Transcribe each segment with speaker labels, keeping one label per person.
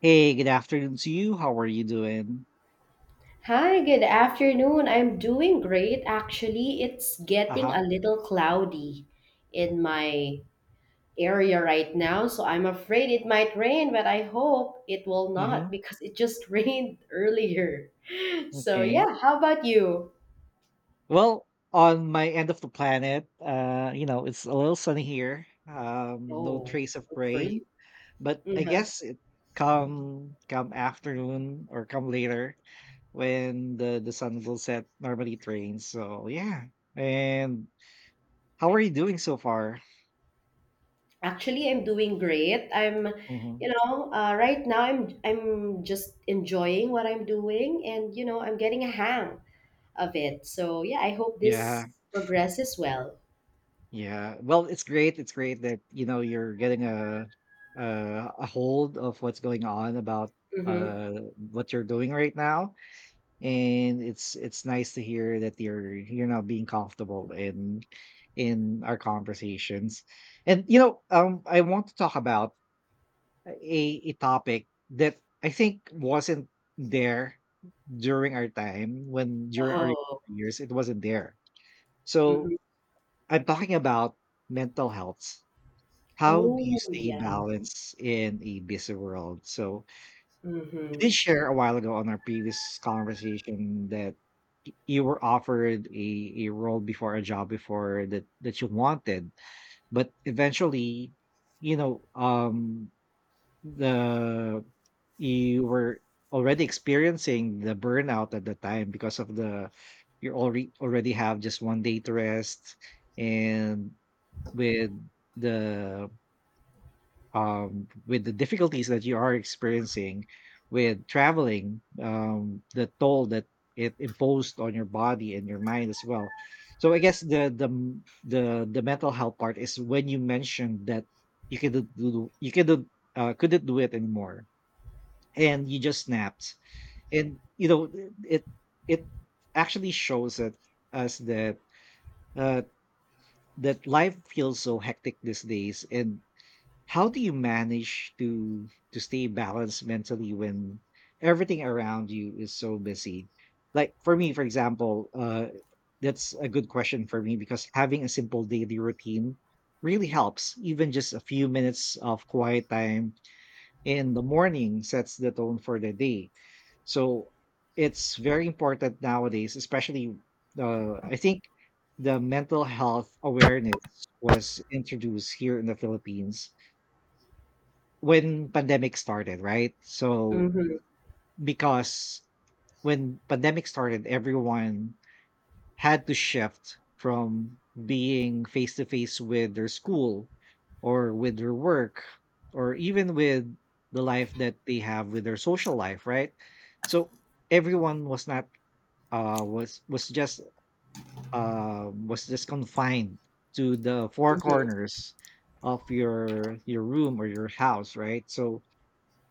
Speaker 1: Hey, good afternoon to you. How are you doing?
Speaker 2: Hi, good afternoon. I'm doing great. Actually, it's getting
Speaker 1: Uh-huh.
Speaker 2: a little cloudy in my area right now, so I'm afraid it might rain, but I hope it will
Speaker 1: Mm-hmm.
Speaker 2: not because it just rained earlier. So,
Speaker 1: Okay.
Speaker 2: yeah, how about you?
Speaker 1: Well, on my end of the planet, it's a little sunny here. No
Speaker 2: Oh,
Speaker 1: trace of
Speaker 2: good for
Speaker 1: rain,
Speaker 2: you.
Speaker 1: but I
Speaker 2: Mhm.
Speaker 1: guess it come afternoon or come later when the sun will set. Normally it rains, so yeah. And how are you doing so far?
Speaker 2: Actually, I'm doing great.
Speaker 1: Mm-hmm.
Speaker 2: Right now I'm just enjoying what I'm doing, and I'm getting a hang of it. So yeah, I hope
Speaker 1: Yeah.
Speaker 2: this progresses well.
Speaker 1: Yeah. Well, it's great. It's great that, you're getting a, a hold of what's going on about
Speaker 2: Mm-hmm.
Speaker 1: uh what you're doing right now. And it's nice to hear that you're now being comfortable in our conversations. And I want to talk about a a topic that I think wasn't there during our time when during our
Speaker 2: Oh.
Speaker 1: years it wasn't there. So
Speaker 2: Mm-hmm.
Speaker 1: I'm talking about mental health. How do you
Speaker 2: Oh
Speaker 1: stay
Speaker 2: yeah.
Speaker 1: balanced in a busy world? So you
Speaker 2: Mm-hmm.
Speaker 1: did share a while ago on our previous conversation that you were offered a role before a job before that you wanted, but eventually, you know, um, the you were already experiencing the burnout at the time because of the you already have just one day to rest and with the with the difficulties that you are experiencing with traveling, the toll that it imposed on your body and your mind as well. So I guess the m- the mental health part is when you mentioned that you could do do- you could do- couldn't do it anymore, and you just snapped. And you know it it actually shows that us that uh, that life feels so hectic these days, and how do you manage to stay balanced mentally when everything around you is so busy? Like for me, for example, that's a good question for me because having a simple daily routine really helps. Even just a few minutes of quiet time in the morning sets the tone for the day. So it's very important nowadays, especially I think the mental health awareness was introduced here in the Philippines when pandemic started, right? So
Speaker 2: Mm-hmm.
Speaker 1: because when pandemic started, everyone had to shift from being face to face with their school or with their work or even with the life that they have with their social life, right? So everyone was not was just was just confined to the four
Speaker 2: Mm-hmm.
Speaker 1: corners of your room or your house, right? So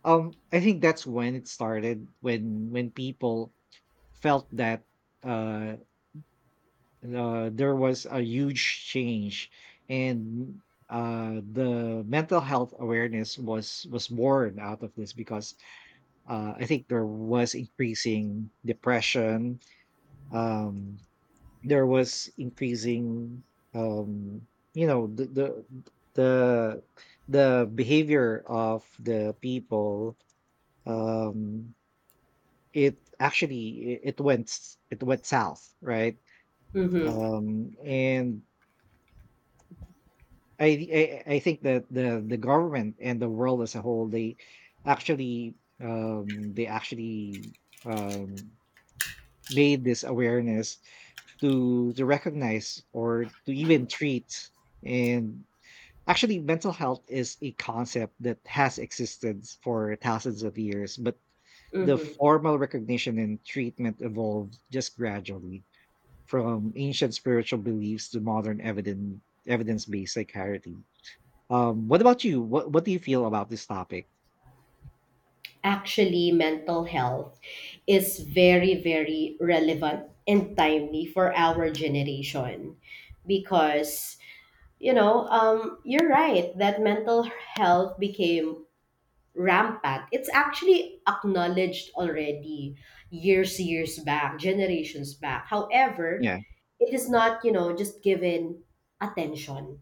Speaker 1: I think that's when it started when people felt that uh, there was a huge change and the mental health awareness was born out of this because I think there was increasing depression, um there was increasing, um you know the the the the behavior of the people. um It actually it went south, right?
Speaker 2: Mm-hmm.
Speaker 1: And I think that the government and the world as a whole, they actually um, made this awareness to recognize or to even treat. And actually mental health is a concept that has existed for thousands of years, but the
Speaker 2: Mm-hmm.
Speaker 1: formal recognition and treatment evolved just gradually from ancient spiritual beliefs to modern evidence-based psychiatry. What about you? What do you feel about this topic?
Speaker 2: Actually, mental health is very, very relevant and timely for our generation because you're right that mental health became rampant. It's actually acknowledged already years, years back, generations back. However,
Speaker 1: Yeah,
Speaker 2: it is not, just given attention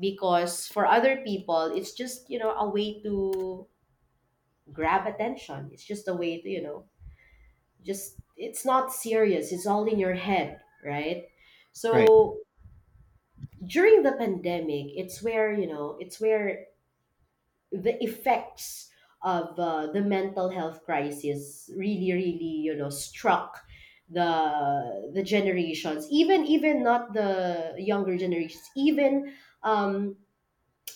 Speaker 2: because for other people, it's just, a way to grab attention. It's just a way to, just, it's not serious. It's all in your head, right?
Speaker 1: right.
Speaker 2: So during the pandemic, it's where, it's where the effects of the mental health crisis really struck the generations, even not the younger generations, even um,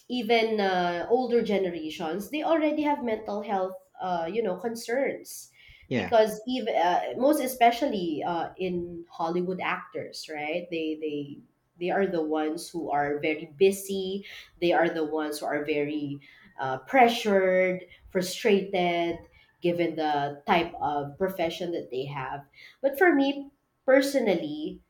Speaker 2: even older generations, they already have mental health, concerns,
Speaker 1: Yeah,
Speaker 2: because even most especially in Hollywood actors, right? They they are the ones who are very busy. They are the ones who are very pressured, frustrated, given the type of profession that they have. But for me personally,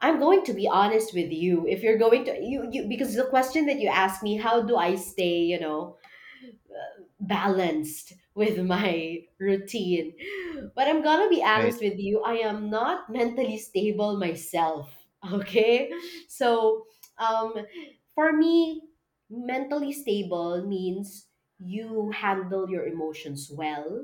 Speaker 2: I'm going to be honest with you. If you're going to you, you because the question that you asked me, how do I stay, balanced with my routine. But I'm gonna be
Speaker 1: right,
Speaker 2: honest with you, I am not mentally stable myself. Okay? So, um, for me, mentally stable means you handle your emotions well,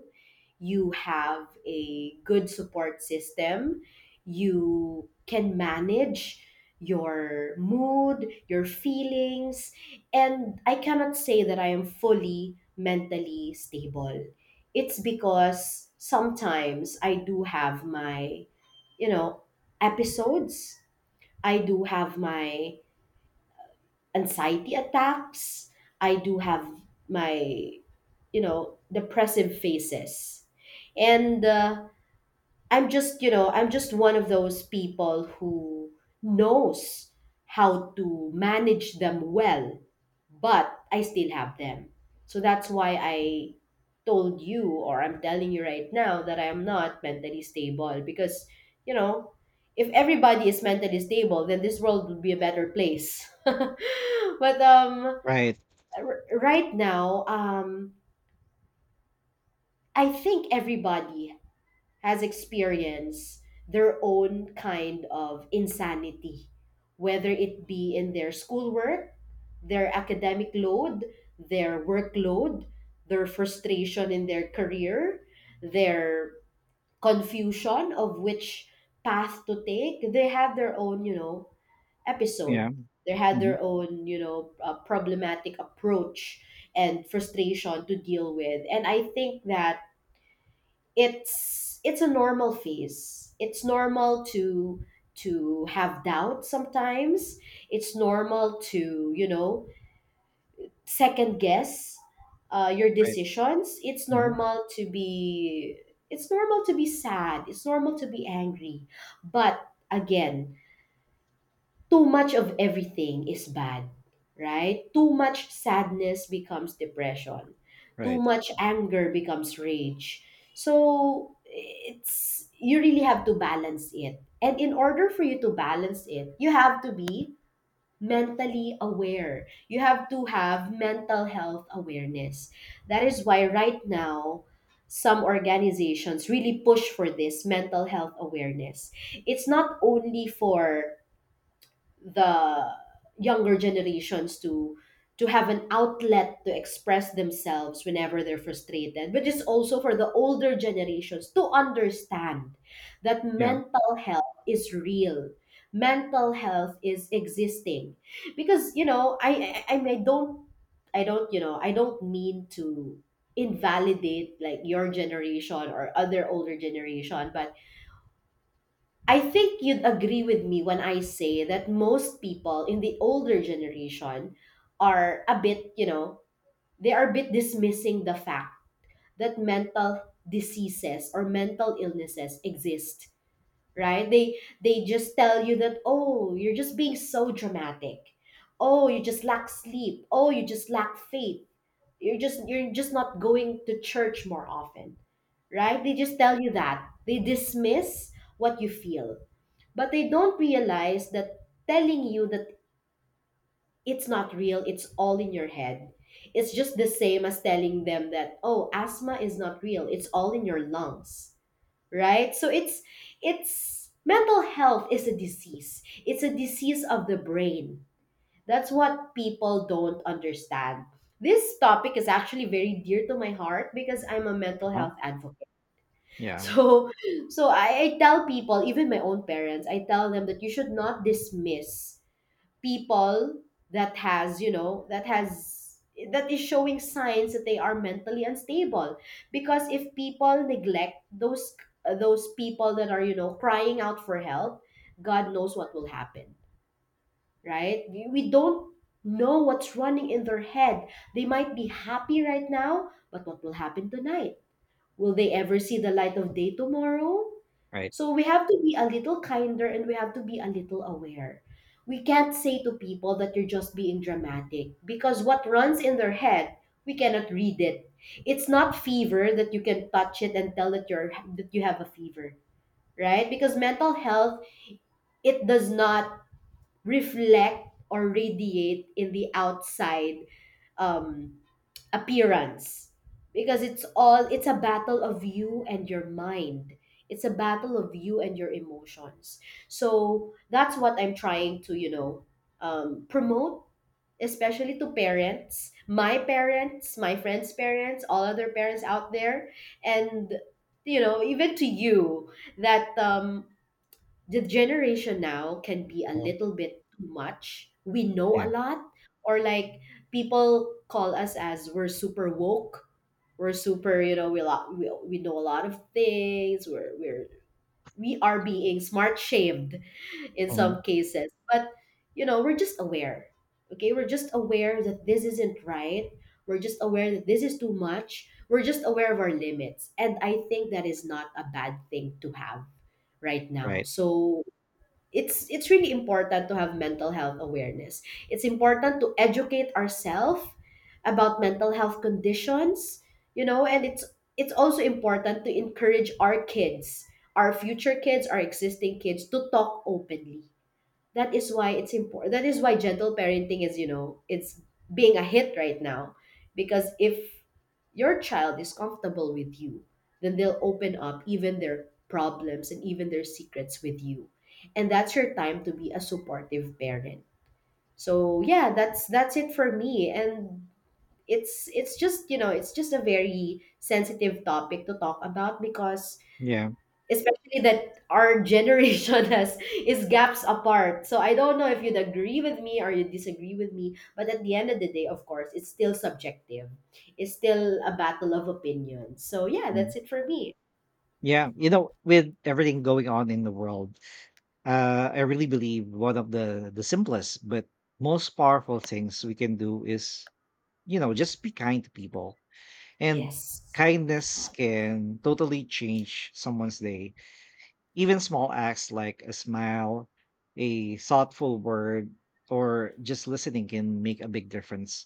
Speaker 2: you have a good support system, you can manage your mood, your feelings, and I cannot say that I am fully mentally stable. It's because sometimes I do have my, you know episodes, I do have my anxiety attacks, I do have my, depressive phases, and I'm just, I'm just one of those people who knows how to manage them well, but I still have them. So that's why I told you, or I'm telling you right now, that I am not mentally stable because, you know, if everybody is mentally stable, then this world would be a better place. But
Speaker 1: right.
Speaker 2: right now, I think everybody has experienced their own kind of insanity, whether it be in their schoolwork, their academic load, their workload, their frustration in their career, their confusion of which path to take. They have their own,
Speaker 1: Yeah,
Speaker 2: episode. They had
Speaker 1: mhm,
Speaker 2: their own, problematic approach and frustration to deal with. And I think that it's a normal phase. It's normal to have doubt sometimes. It's normal to second guess your
Speaker 1: right,
Speaker 2: decisions. It's
Speaker 1: hmm
Speaker 2: normal to be, it's normal to be sad. It's normal to be angry, but again, too much of everything is bad, right? Too much sadness becomes depression. Too
Speaker 1: right.
Speaker 2: much anger becomes rage. So it's you really have to balance it. And in order for you to balance it, you have to be mentally aware. You have to have mental health awareness. That is why right now some organizations really push for this mental health awareness. It's not only for the younger generations to have an outlet to express themselves whenever they're frustrated, but it's also for the older generations to understand that
Speaker 1: Yeah,
Speaker 2: mental health is real, mental health is existing, because I mean, I don't, I don't mean to invalidate like your generation or other older generation, but I think you'd agree with me when I say that most people in the older generation are a bit, they are a bit dismissing the fact that mental diseases or mental illnesses exist, right? They just tell you that, oh, you're just being so dramatic. Oh, you just lack sleep. Oh, you just lack faith. You're just not going to church more often, right? They just tell you that. They dismiss what you feel, but they don't realize that telling you that it's not real, it's all in your head, it's just the same as telling them that, oh, asthma is not real, it's all in your lungs, right? So it's, mental health is a disease. It's a disease of the brain. That's what people don't understand. This topic is actually very dear to my heart because I'm a mental
Speaker 1: uh
Speaker 2: health advocate.
Speaker 1: yeah,
Speaker 2: So, I tell people, even my own parents, I tell them that you should not dismiss people that has you know that has that is showing signs that they are mentally unstable, because if people neglect those people that are crying out for help, god knows what will happen, right? We don't know what's running in their head. They might be happy right now, but what will happen tonight? Will they ever see the light of day tomorrow?
Speaker 1: right.
Speaker 2: So we have to be a little kinder and we have to be a little aware. We can't say to people that you're just being dramatic because what runs in their head, we cannot read it. It's not fever that you can touch it and tell that you're, that you have a fever, right? Because mental health, it does not reflect or radiate in the outside um, appearance because it's a battle of you and your mind, it's a battle of you and your emotions. So that's what I'm trying to, promote, especially to parents, my parents, my friends parents, all other parents out there, and even to you that the generation now can be a
Speaker 1: uh
Speaker 2: little bit too much. We know
Speaker 1: Yeah,
Speaker 2: a lot, or like people call us as we're super woke. We're super, we know a lot of things. We're we are being smart shamed in
Speaker 1: mhm,
Speaker 2: some cases, but we're just aware. Okay, we're just aware that this isn't right. We're just aware that this is too much. We're just aware of our limits, and I think that is not a bad thing to have right now.
Speaker 1: right.
Speaker 2: So it's really important to have mental health awareness. It's important to educate ourselves about mental health conditions, and it's also important to encourage our kids, our future kids, our existing kids to talk openly. That is why it's important, that is why gentle parenting is, it's being a hit right now, because if your child is comfortable with you, then they'll open up even their problems and even their secrets with you, and that's your time to be a supportive parent. So yeah, that's it for me, and it's just, it's just a very sensitive topic to talk about because
Speaker 1: Yeah,
Speaker 2: especially that our generation has is gaps apart. So I don't know if you'd agree with me or you disagree with me, but at the end of the day, of course, it's still subjective. It's still a battle of opinions. So yeah,
Speaker 1: mhm.
Speaker 2: that's it for me.
Speaker 1: Yeah. You know, with everything going on in the world, I really believe one of the simplest but most powerful things we can do is, just be kind to people. And
Speaker 2: Yes.
Speaker 1: kindness can totally change someone's day. Even small acts like a smile, a thoughtful word, or just listening can make a big difference.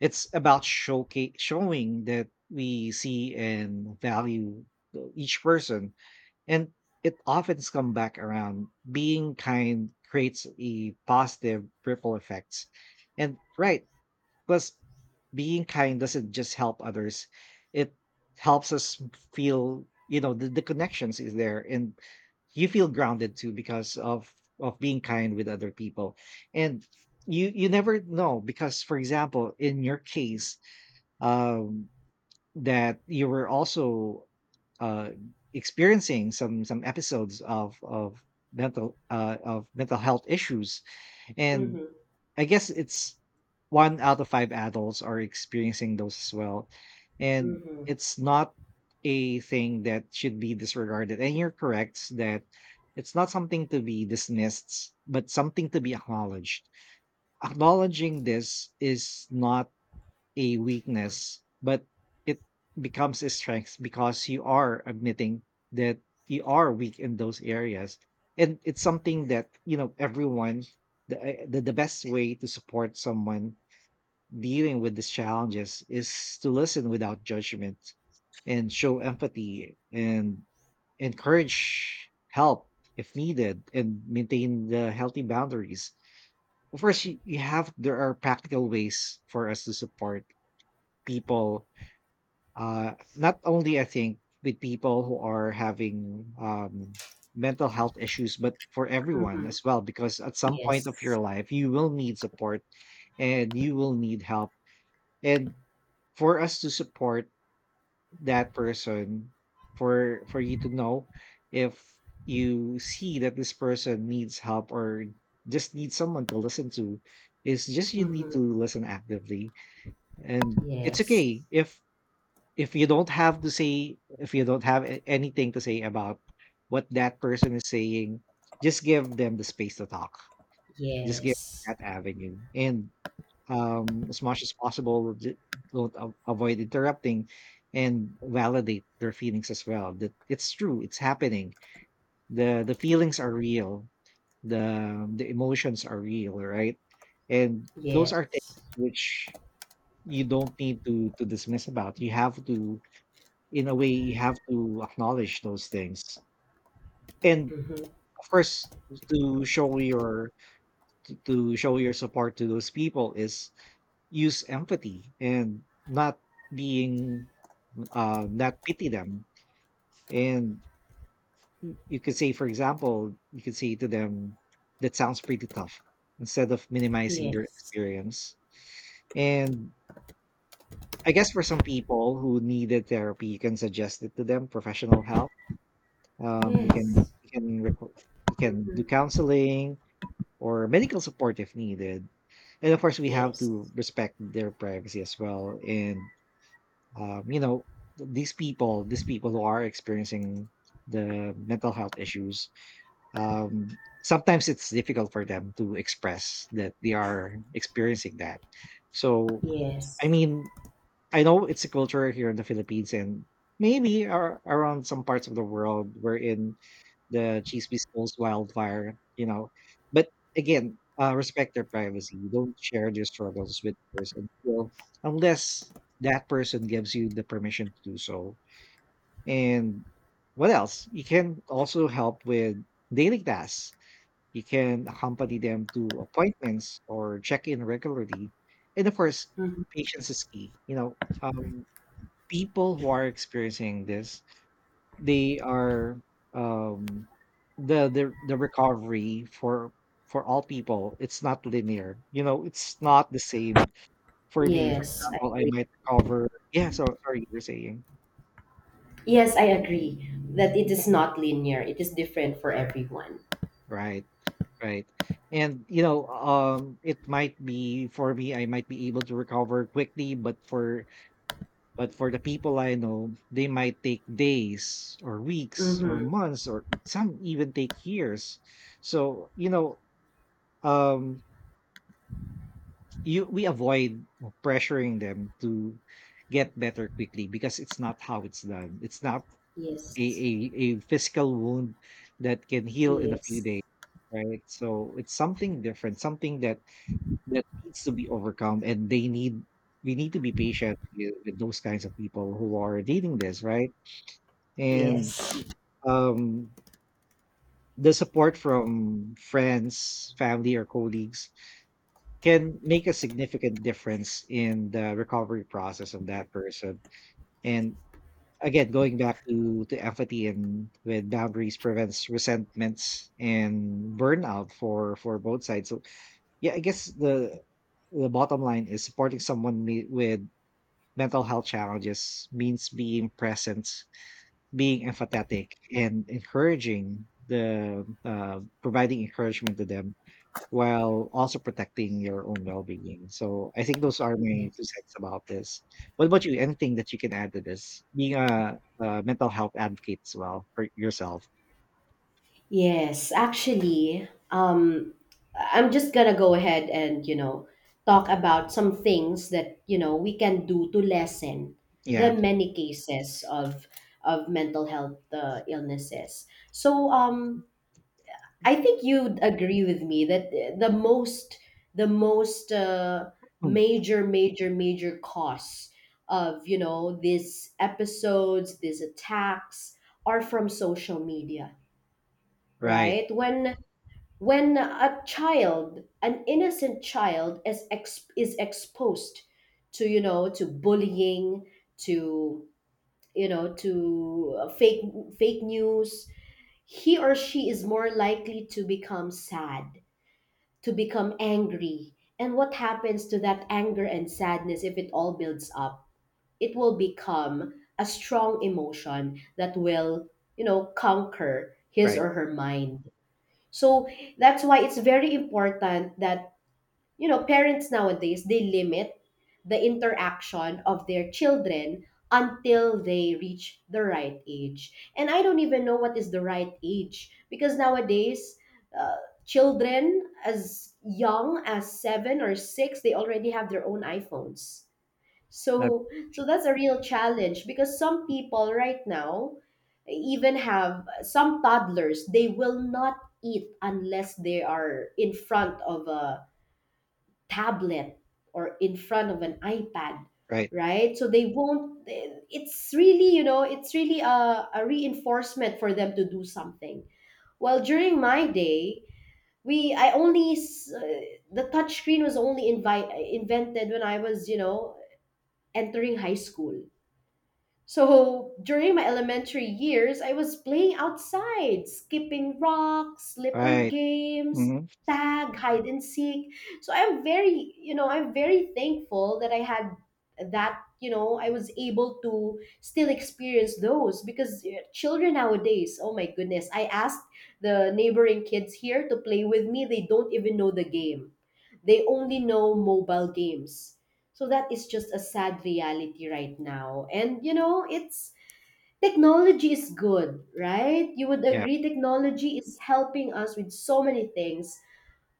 Speaker 1: It's about showing that we see and value each person. And it often comes back around. Being kind creates a positive ripple effect. And right, because being kind doesn't just help others, it helps us feel, the connections is there. And you feel grounded too because of being kind with other people, and you never know because for example in your case, um that you were also uh experiencing some episodes of mental health issues, and
Speaker 2: Mm-hmm.
Speaker 1: I guess it's one out of five adults are experiencing those as well. And
Speaker 2: Mm-hmm.
Speaker 1: it's not a thing that should be disregarded. And you're correct that it's not something to be dismissed, but something to be acknowledged. Acknowledging this is not a weakness, but it becomes a strength because you are admitting that you are weak in those areas. And it's something that, everyone, the best way to support someone dealing with these challenges is to listen without judgment and show empathy and encourage help if needed and maintain the healthy boundaries. Of course, there are practical ways for us to support people, not only I think with people who are having, mental health issues, but for everyone
Speaker 2: Mm-hmm.
Speaker 1: as well, because at some point of your
Speaker 2: Yes.
Speaker 1: life, you will need support and you will need help. And for us to support that person, for you to know if you see that this person needs help or just needs someone to listen to, is just you need
Speaker 2: Mm-hmm.
Speaker 1: to listen actively. And it's
Speaker 2: Yes.
Speaker 1: okay if you don't have to say, if you don't have anything to say about what that person is saying. Just give them the space to talk. Just give
Speaker 2: Yes.
Speaker 1: that avenue, and as much as possible, don't avoid interrupting, and validate their feelings as well, that it's true, it's happening. The feelings are real, the emotions are real, right? And those are things
Speaker 2: Yes.
Speaker 1: which you don't need to dismiss about. You have to, in a way, you have to acknowledge those things. And
Speaker 2: Mm-hmm.
Speaker 1: of course, to show your to show your support to those people is use empathy and being not pity them. And you could say, for example, you could say to them, that sounds pretty tough, instead of minimizing their
Speaker 2: Yes.
Speaker 1: experience. And I guess for some people who needed therapy, you can suggest it to them, professional help. Um, you can
Speaker 2: Yes.
Speaker 1: you can requ- you can do
Speaker 2: Mhm.
Speaker 1: counseling or medical support if needed, and of course we have
Speaker 2: Yes.
Speaker 1: to respect their privacy as well. And um, you know these people who are experiencing the mental health issues, um, sometimes it's difficult for them to express that they are experiencing that. So I
Speaker 2: Yes.
Speaker 1: mean, I know it's a culture here in the Philippines and maybe around some parts of the world wherein the Chismis goes wildfire. But again, respect their privacy. Don't share their struggles with others unless that person gives you the permission to do so. And what else? You can also help with daily tasks. You can accompany them to appointments or check in regularly. And of course,
Speaker 2: Mhm.
Speaker 1: patience is key. You know, um, people who are experiencing this, they are um the recovery, for all people, it's not linear. It's not the same. For me, for
Speaker 2: Yes. I
Speaker 1: example, I
Speaker 2: agree.
Speaker 1: might recover. Yeah. So sorry, you were saying.
Speaker 2: Yes, I agree that it is not linear. It is different for everyone.
Speaker 1: Right. Right. And it might be, for me, I might be able to recover quickly, but for the people I know, they might take days or weeks or
Speaker 2: Mm-hmm.
Speaker 1: months, or some even take years. So, you know, um you we avoid pressuring them to get better quickly because it's not how it's done. It's not a,
Speaker 2: Yes.
Speaker 1: a, a physical wound that can heal in a few
Speaker 2: Yes.
Speaker 1: days. Right. So it's something different, something that needs to be overcome, and they need we need to be patient with those kinds of people who are needing this, right? And
Speaker 2: Yes.
Speaker 1: um, the support from friends, family, or colleagues can make a significant difference in the recovery process of that person. And again, going back to empathy, and with boundaries prevents resentments and burnout for both sides. So yeah, I guess the bottom line is supporting someone with mental health challenges means being present. Being empathetic and encouraging, the providing encouragement to them while also protecting your own well-being. So I think those are my two
Speaker 2: Yes.
Speaker 1: cents about this. What about you? Anything that you can add to this? Being a mental health advocate as well for yourself.
Speaker 2: Yes. Actually, I'm just gonna go ahead and talk about some things that we can do to lessen the
Speaker 1: Yeah.
Speaker 2: many cases of mental health illnesses. So I think you'd agree with me that the most the most
Speaker 1: Mm.
Speaker 2: major costs of, these episodes, these attacks, are from social media,
Speaker 1: Right.
Speaker 2: right? When a child, an innocent child is is exposed to, to bullying, to, to fake news, he or she is more likely to become sad, to become angry. And what happens to that anger and sadness if it all builds up? It will become a strong emotion that will, conquer his
Speaker 1: Right.
Speaker 2: or her mind. So that's why it's very important that parents nowadays, they limit the interaction of their children until they reach the right age. And I don't even know what is the right age, because nowadays uh, children as young as seven or six, they already have their own iphones. So
Speaker 1: Absolutely.
Speaker 2: that's a real challenge, because some people right now even have some toddlers, they will not eat unless they are in front of a tablet or in front of an iPad,
Speaker 1: Right.
Speaker 2: right? So they won't, it's really, it's really a reinforcement for them to do something. Well, during my day, we, I only, the touchscreen was only invented when I was, entering high school. So during my elementary years, I was playing outside, skipping rocks, slipper
Speaker 1: Right.
Speaker 2: games,
Speaker 1: Hmm.
Speaker 2: tag, hide and seek. So I'm very, I'm very thankful that I had that, I was able to still experience those, because eh, children nowadays, oh my goodness, I asked the neighboring kids here to play with me. They don't even know the game. They only know mobile games, so that is just a sad reality right now. And it's, technology is good, right? You would
Speaker 1: Yeah.
Speaker 2: agree technology is helping us with so many things,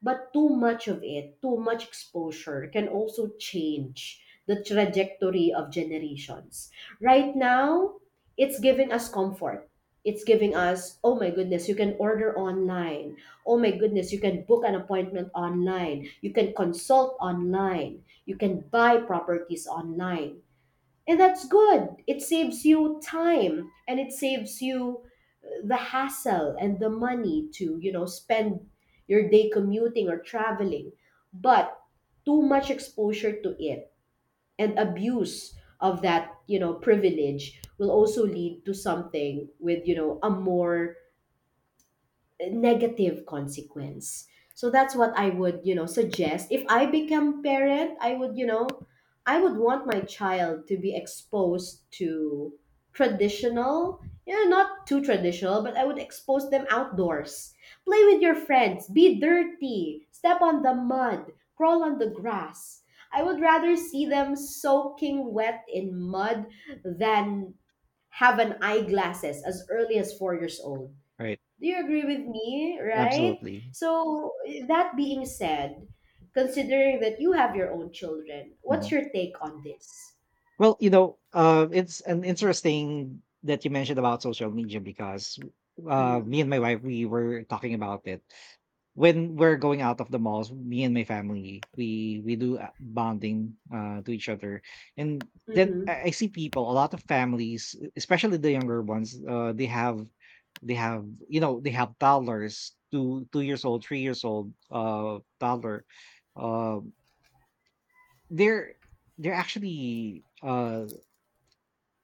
Speaker 2: but too much of it, too much exposure can also change the trajectory of generations. Right now, it's giving us comfort. It's giving us, oh my goodness, you can order online. Oh my goodness, you can book an appointment online. You can consult online. You can buy properties online. And that's good. It saves you time and it saves you the hassle and the money to, spend your day commuting or traveling. But too much exposure to it and abuse of that, privilege will also lead to something with, a more negative consequence. So that's what I would, suggest. If I become parent, I would, I would want my child to be exposed to traditional, not too traditional, but I would expose them outdoors. Play with your friends, be dirty, step on the mud, crawl on the grass. I would rather see them soaking wet in mud than have an eyeglasses as early as 4 years old.
Speaker 1: Right.
Speaker 2: Do you agree with me, right?
Speaker 1: Absolutely.
Speaker 2: So, that being said, considering that you have your own children, what's
Speaker 1: Mhm.
Speaker 2: your take on this?
Speaker 1: Well, it's an interesting that you mentioned about social media because me
Speaker 2: Mhm.
Speaker 1: and my wife we were talking about it when we're going out of the malls. Me and my family we do bonding to each other, and then
Speaker 2: Mhm.
Speaker 1: I see people, a lot of families, especially the younger ones, they have they have toddlers, two two years old, 3 years old, toddler. Uh, they're they're actually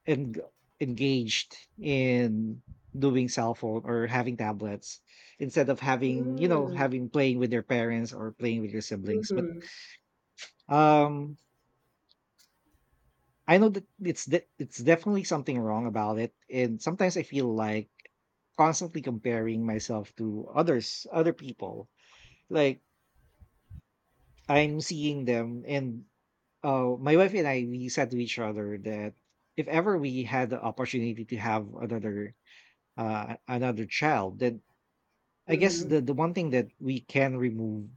Speaker 1: en- engaged in doing cell phone or having tablets instead of having you know
Speaker 2: Mm.
Speaker 1: having playing with their parents or playing with your siblings. But
Speaker 2: Mhm.
Speaker 1: um I know that it's definitely something wrong about it, and sometimes I feel like constantly comparing myself to other people, like I'm seeing them. And my wife and I, we said to each other that if ever we had the opportunity to have another another child, then I guess
Speaker 2: Mhm.
Speaker 1: the one thing that we can remove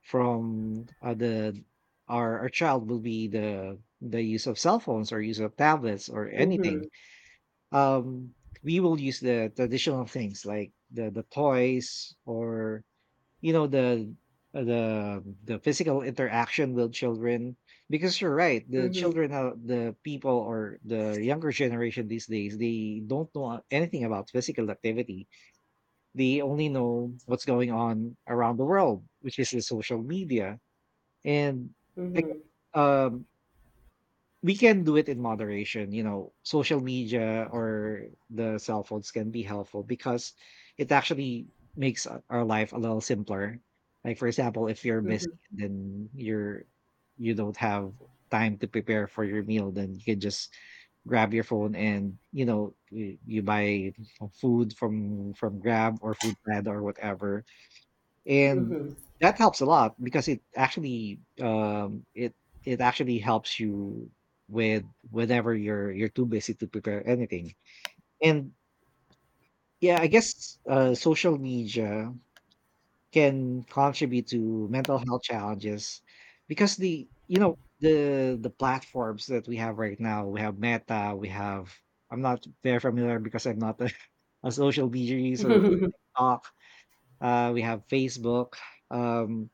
Speaker 1: from the our child will be the use of cell phones or use of tablets or anything.
Speaker 2: Mhm.
Speaker 1: Um, we will use the traditional things, like the toys or the physical interaction with children, because you're right, the
Speaker 2: Mhm.
Speaker 1: children, the people or the younger generation these days, they don't know anything about physical activity. They only know what's going on around the world, which is the social media. And I guess,
Speaker 2: Mhm.
Speaker 1: we can do it in moderation. You know, social media or the cell phones can be helpful because it actually makes our life a little simpler. Like for example, if you're busy, then you don't have time to prepare for your meal, then you can just grab your phone, and you buy food from Grab or Food Pad or whatever, and
Speaker 2: Mhm.
Speaker 1: that helps a lot, because it actually it it actually helps you with whenever you're too busy to prepare anything. And yeah, I guess social media can contribute to mental health challenges because the you know the platforms that we have right now, we have Meta, we have — I'm not very familiar because I'm not a a social media user. We
Speaker 2: Mhm.
Speaker 1: have Talk, we have Facebook. Um,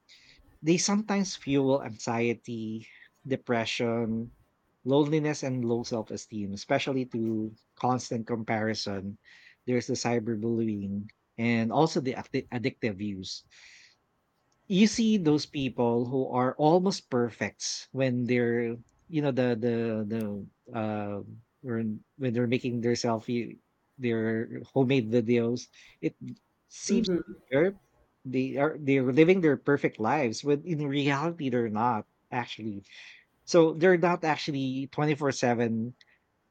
Speaker 1: They sometimes fuel anxiety, depression, loneliness, and low self esteem, especially through constant comparison. There's the cyberbullying, and also the addictive use. You see those people who are almost perfects when they're, the the uh when they're making their selfie, their homemade videos, it seems
Speaker 2: Mhm.
Speaker 1: they're they are they're living their perfect lives, when in reality they're not actually. So they're not actually 24/7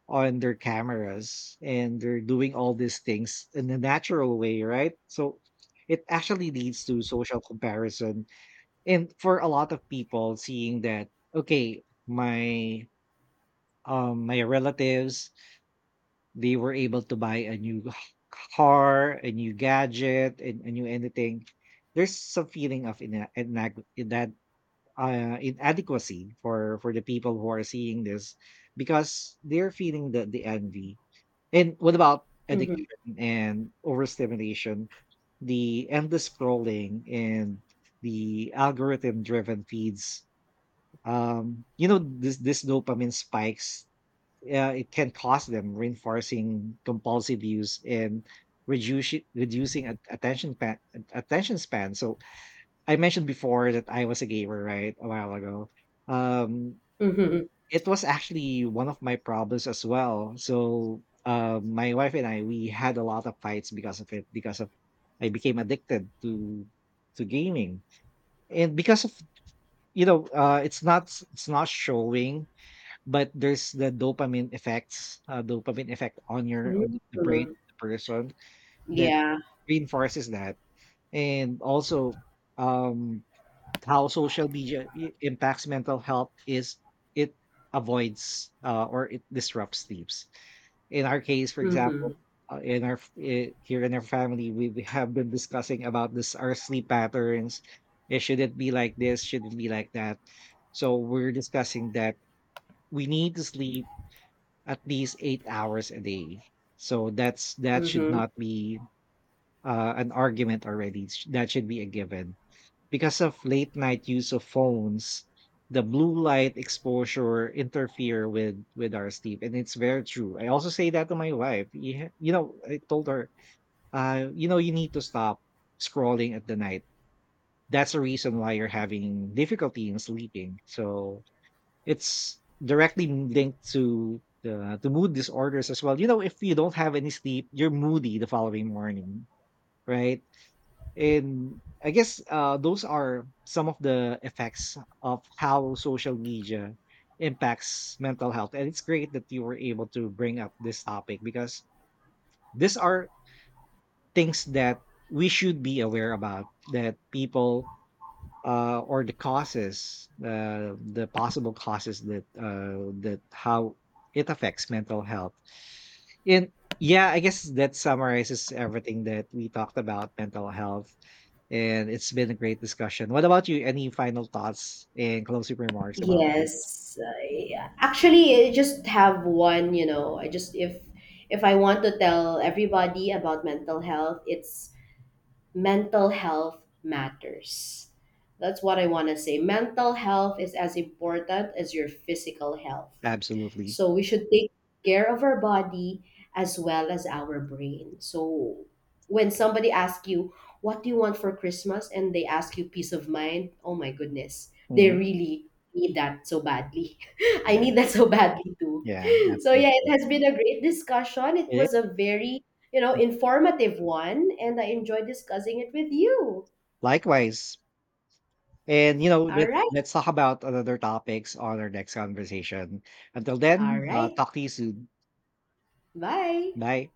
Speaker 1: on their cameras, and they're doing all these things in a natural way, right? So it actually leads to social comparison. And for a lot of people seeing that, okay, my my relatives, they were able to buy a new car, a new gadget, and a new anything. There's a feeling of that inadequacy for the people who are seeing this, because they're feeling the envy. And what about
Speaker 2: Mhm. Mhm.
Speaker 1: addiction and overstimulation? The endless scrolling and the algorithm driven feeds, this dopamine spikes, it can cause them, reinforcing compulsive use and reducing attention attention span. So I mentioned before that I was a gamer, right, a while ago. Um,
Speaker 2: Mhm.
Speaker 1: it was actually one of my problems as well. So my wife and I, we had a lot of fights because of it, because of — I became addicted to gaming. And because of, you know, uh, it's not it's not showing, but there's the dopamine effects, dopamine effect on your
Speaker 2: Mhm.
Speaker 1: on the brain of the person that
Speaker 2: Yeah.
Speaker 1: reinforces that. And also, um, how social media impacts mental health is it avoids or it disrupts sleeps. In our case, for example,
Speaker 2: Mhm.
Speaker 1: in our here in our family, we have been discussing about this, our sleep patterns. It shouldn't be like this, shouldn't be like that. So we're discussing that we need to sleep at least 8 hours a day. So that's that should
Speaker 2: Mhm.
Speaker 1: not be an argument already. That should be a given, because of late night use of phones. The blue light exposure interfere with our sleep, and it's very true. I also say that to my wife. Yeah, you know, I told her, you need to stop scrolling at the night. That's the reason why you're having difficulty in sleeping. So it's directly linked to the to mood disorders as well. You know, if you don't have any sleep, you're moody the following morning, right? And I guess those are some of the effects of how social media impacts mental health. And it's great that you were able to bring up this topic, because these are things that we should be aware about, that people, or the causes, the possible causes that, that how it affects mental health. And yeah, I guess that summarizes everything that we talked about mental health. And it's been a great discussion. What about you? Any final thoughts and closing remarks about this?
Speaker 2: Yes, actually, I just have one, I just, if I want to tell everybody about mental health, it's mental health matters. That's what I want to say. Mental health is as important as your physical health.
Speaker 1: Absolutely.
Speaker 2: So we should take care of our body as well as our brain. So when somebody asks you, what do you want for Christmas? And they ask you peace of mind, oh my goodness, they
Speaker 1: Mhm.
Speaker 2: really need that so badly. I
Speaker 1: Yeah.
Speaker 2: need that so badly too.
Speaker 1: Yeah.
Speaker 2: So yeah, it
Speaker 1: Absolutely.
Speaker 2: has been a great discussion. It
Speaker 1: Yeah.
Speaker 2: was a very, informative one, and I enjoy discussing it with you.
Speaker 1: Likewise. And you know,
Speaker 2: All right.
Speaker 1: let's talk about other topics on our next conversation. Until
Speaker 2: All
Speaker 1: then,
Speaker 2: right.
Speaker 1: talk to you soon.
Speaker 2: Bye.
Speaker 1: Bye.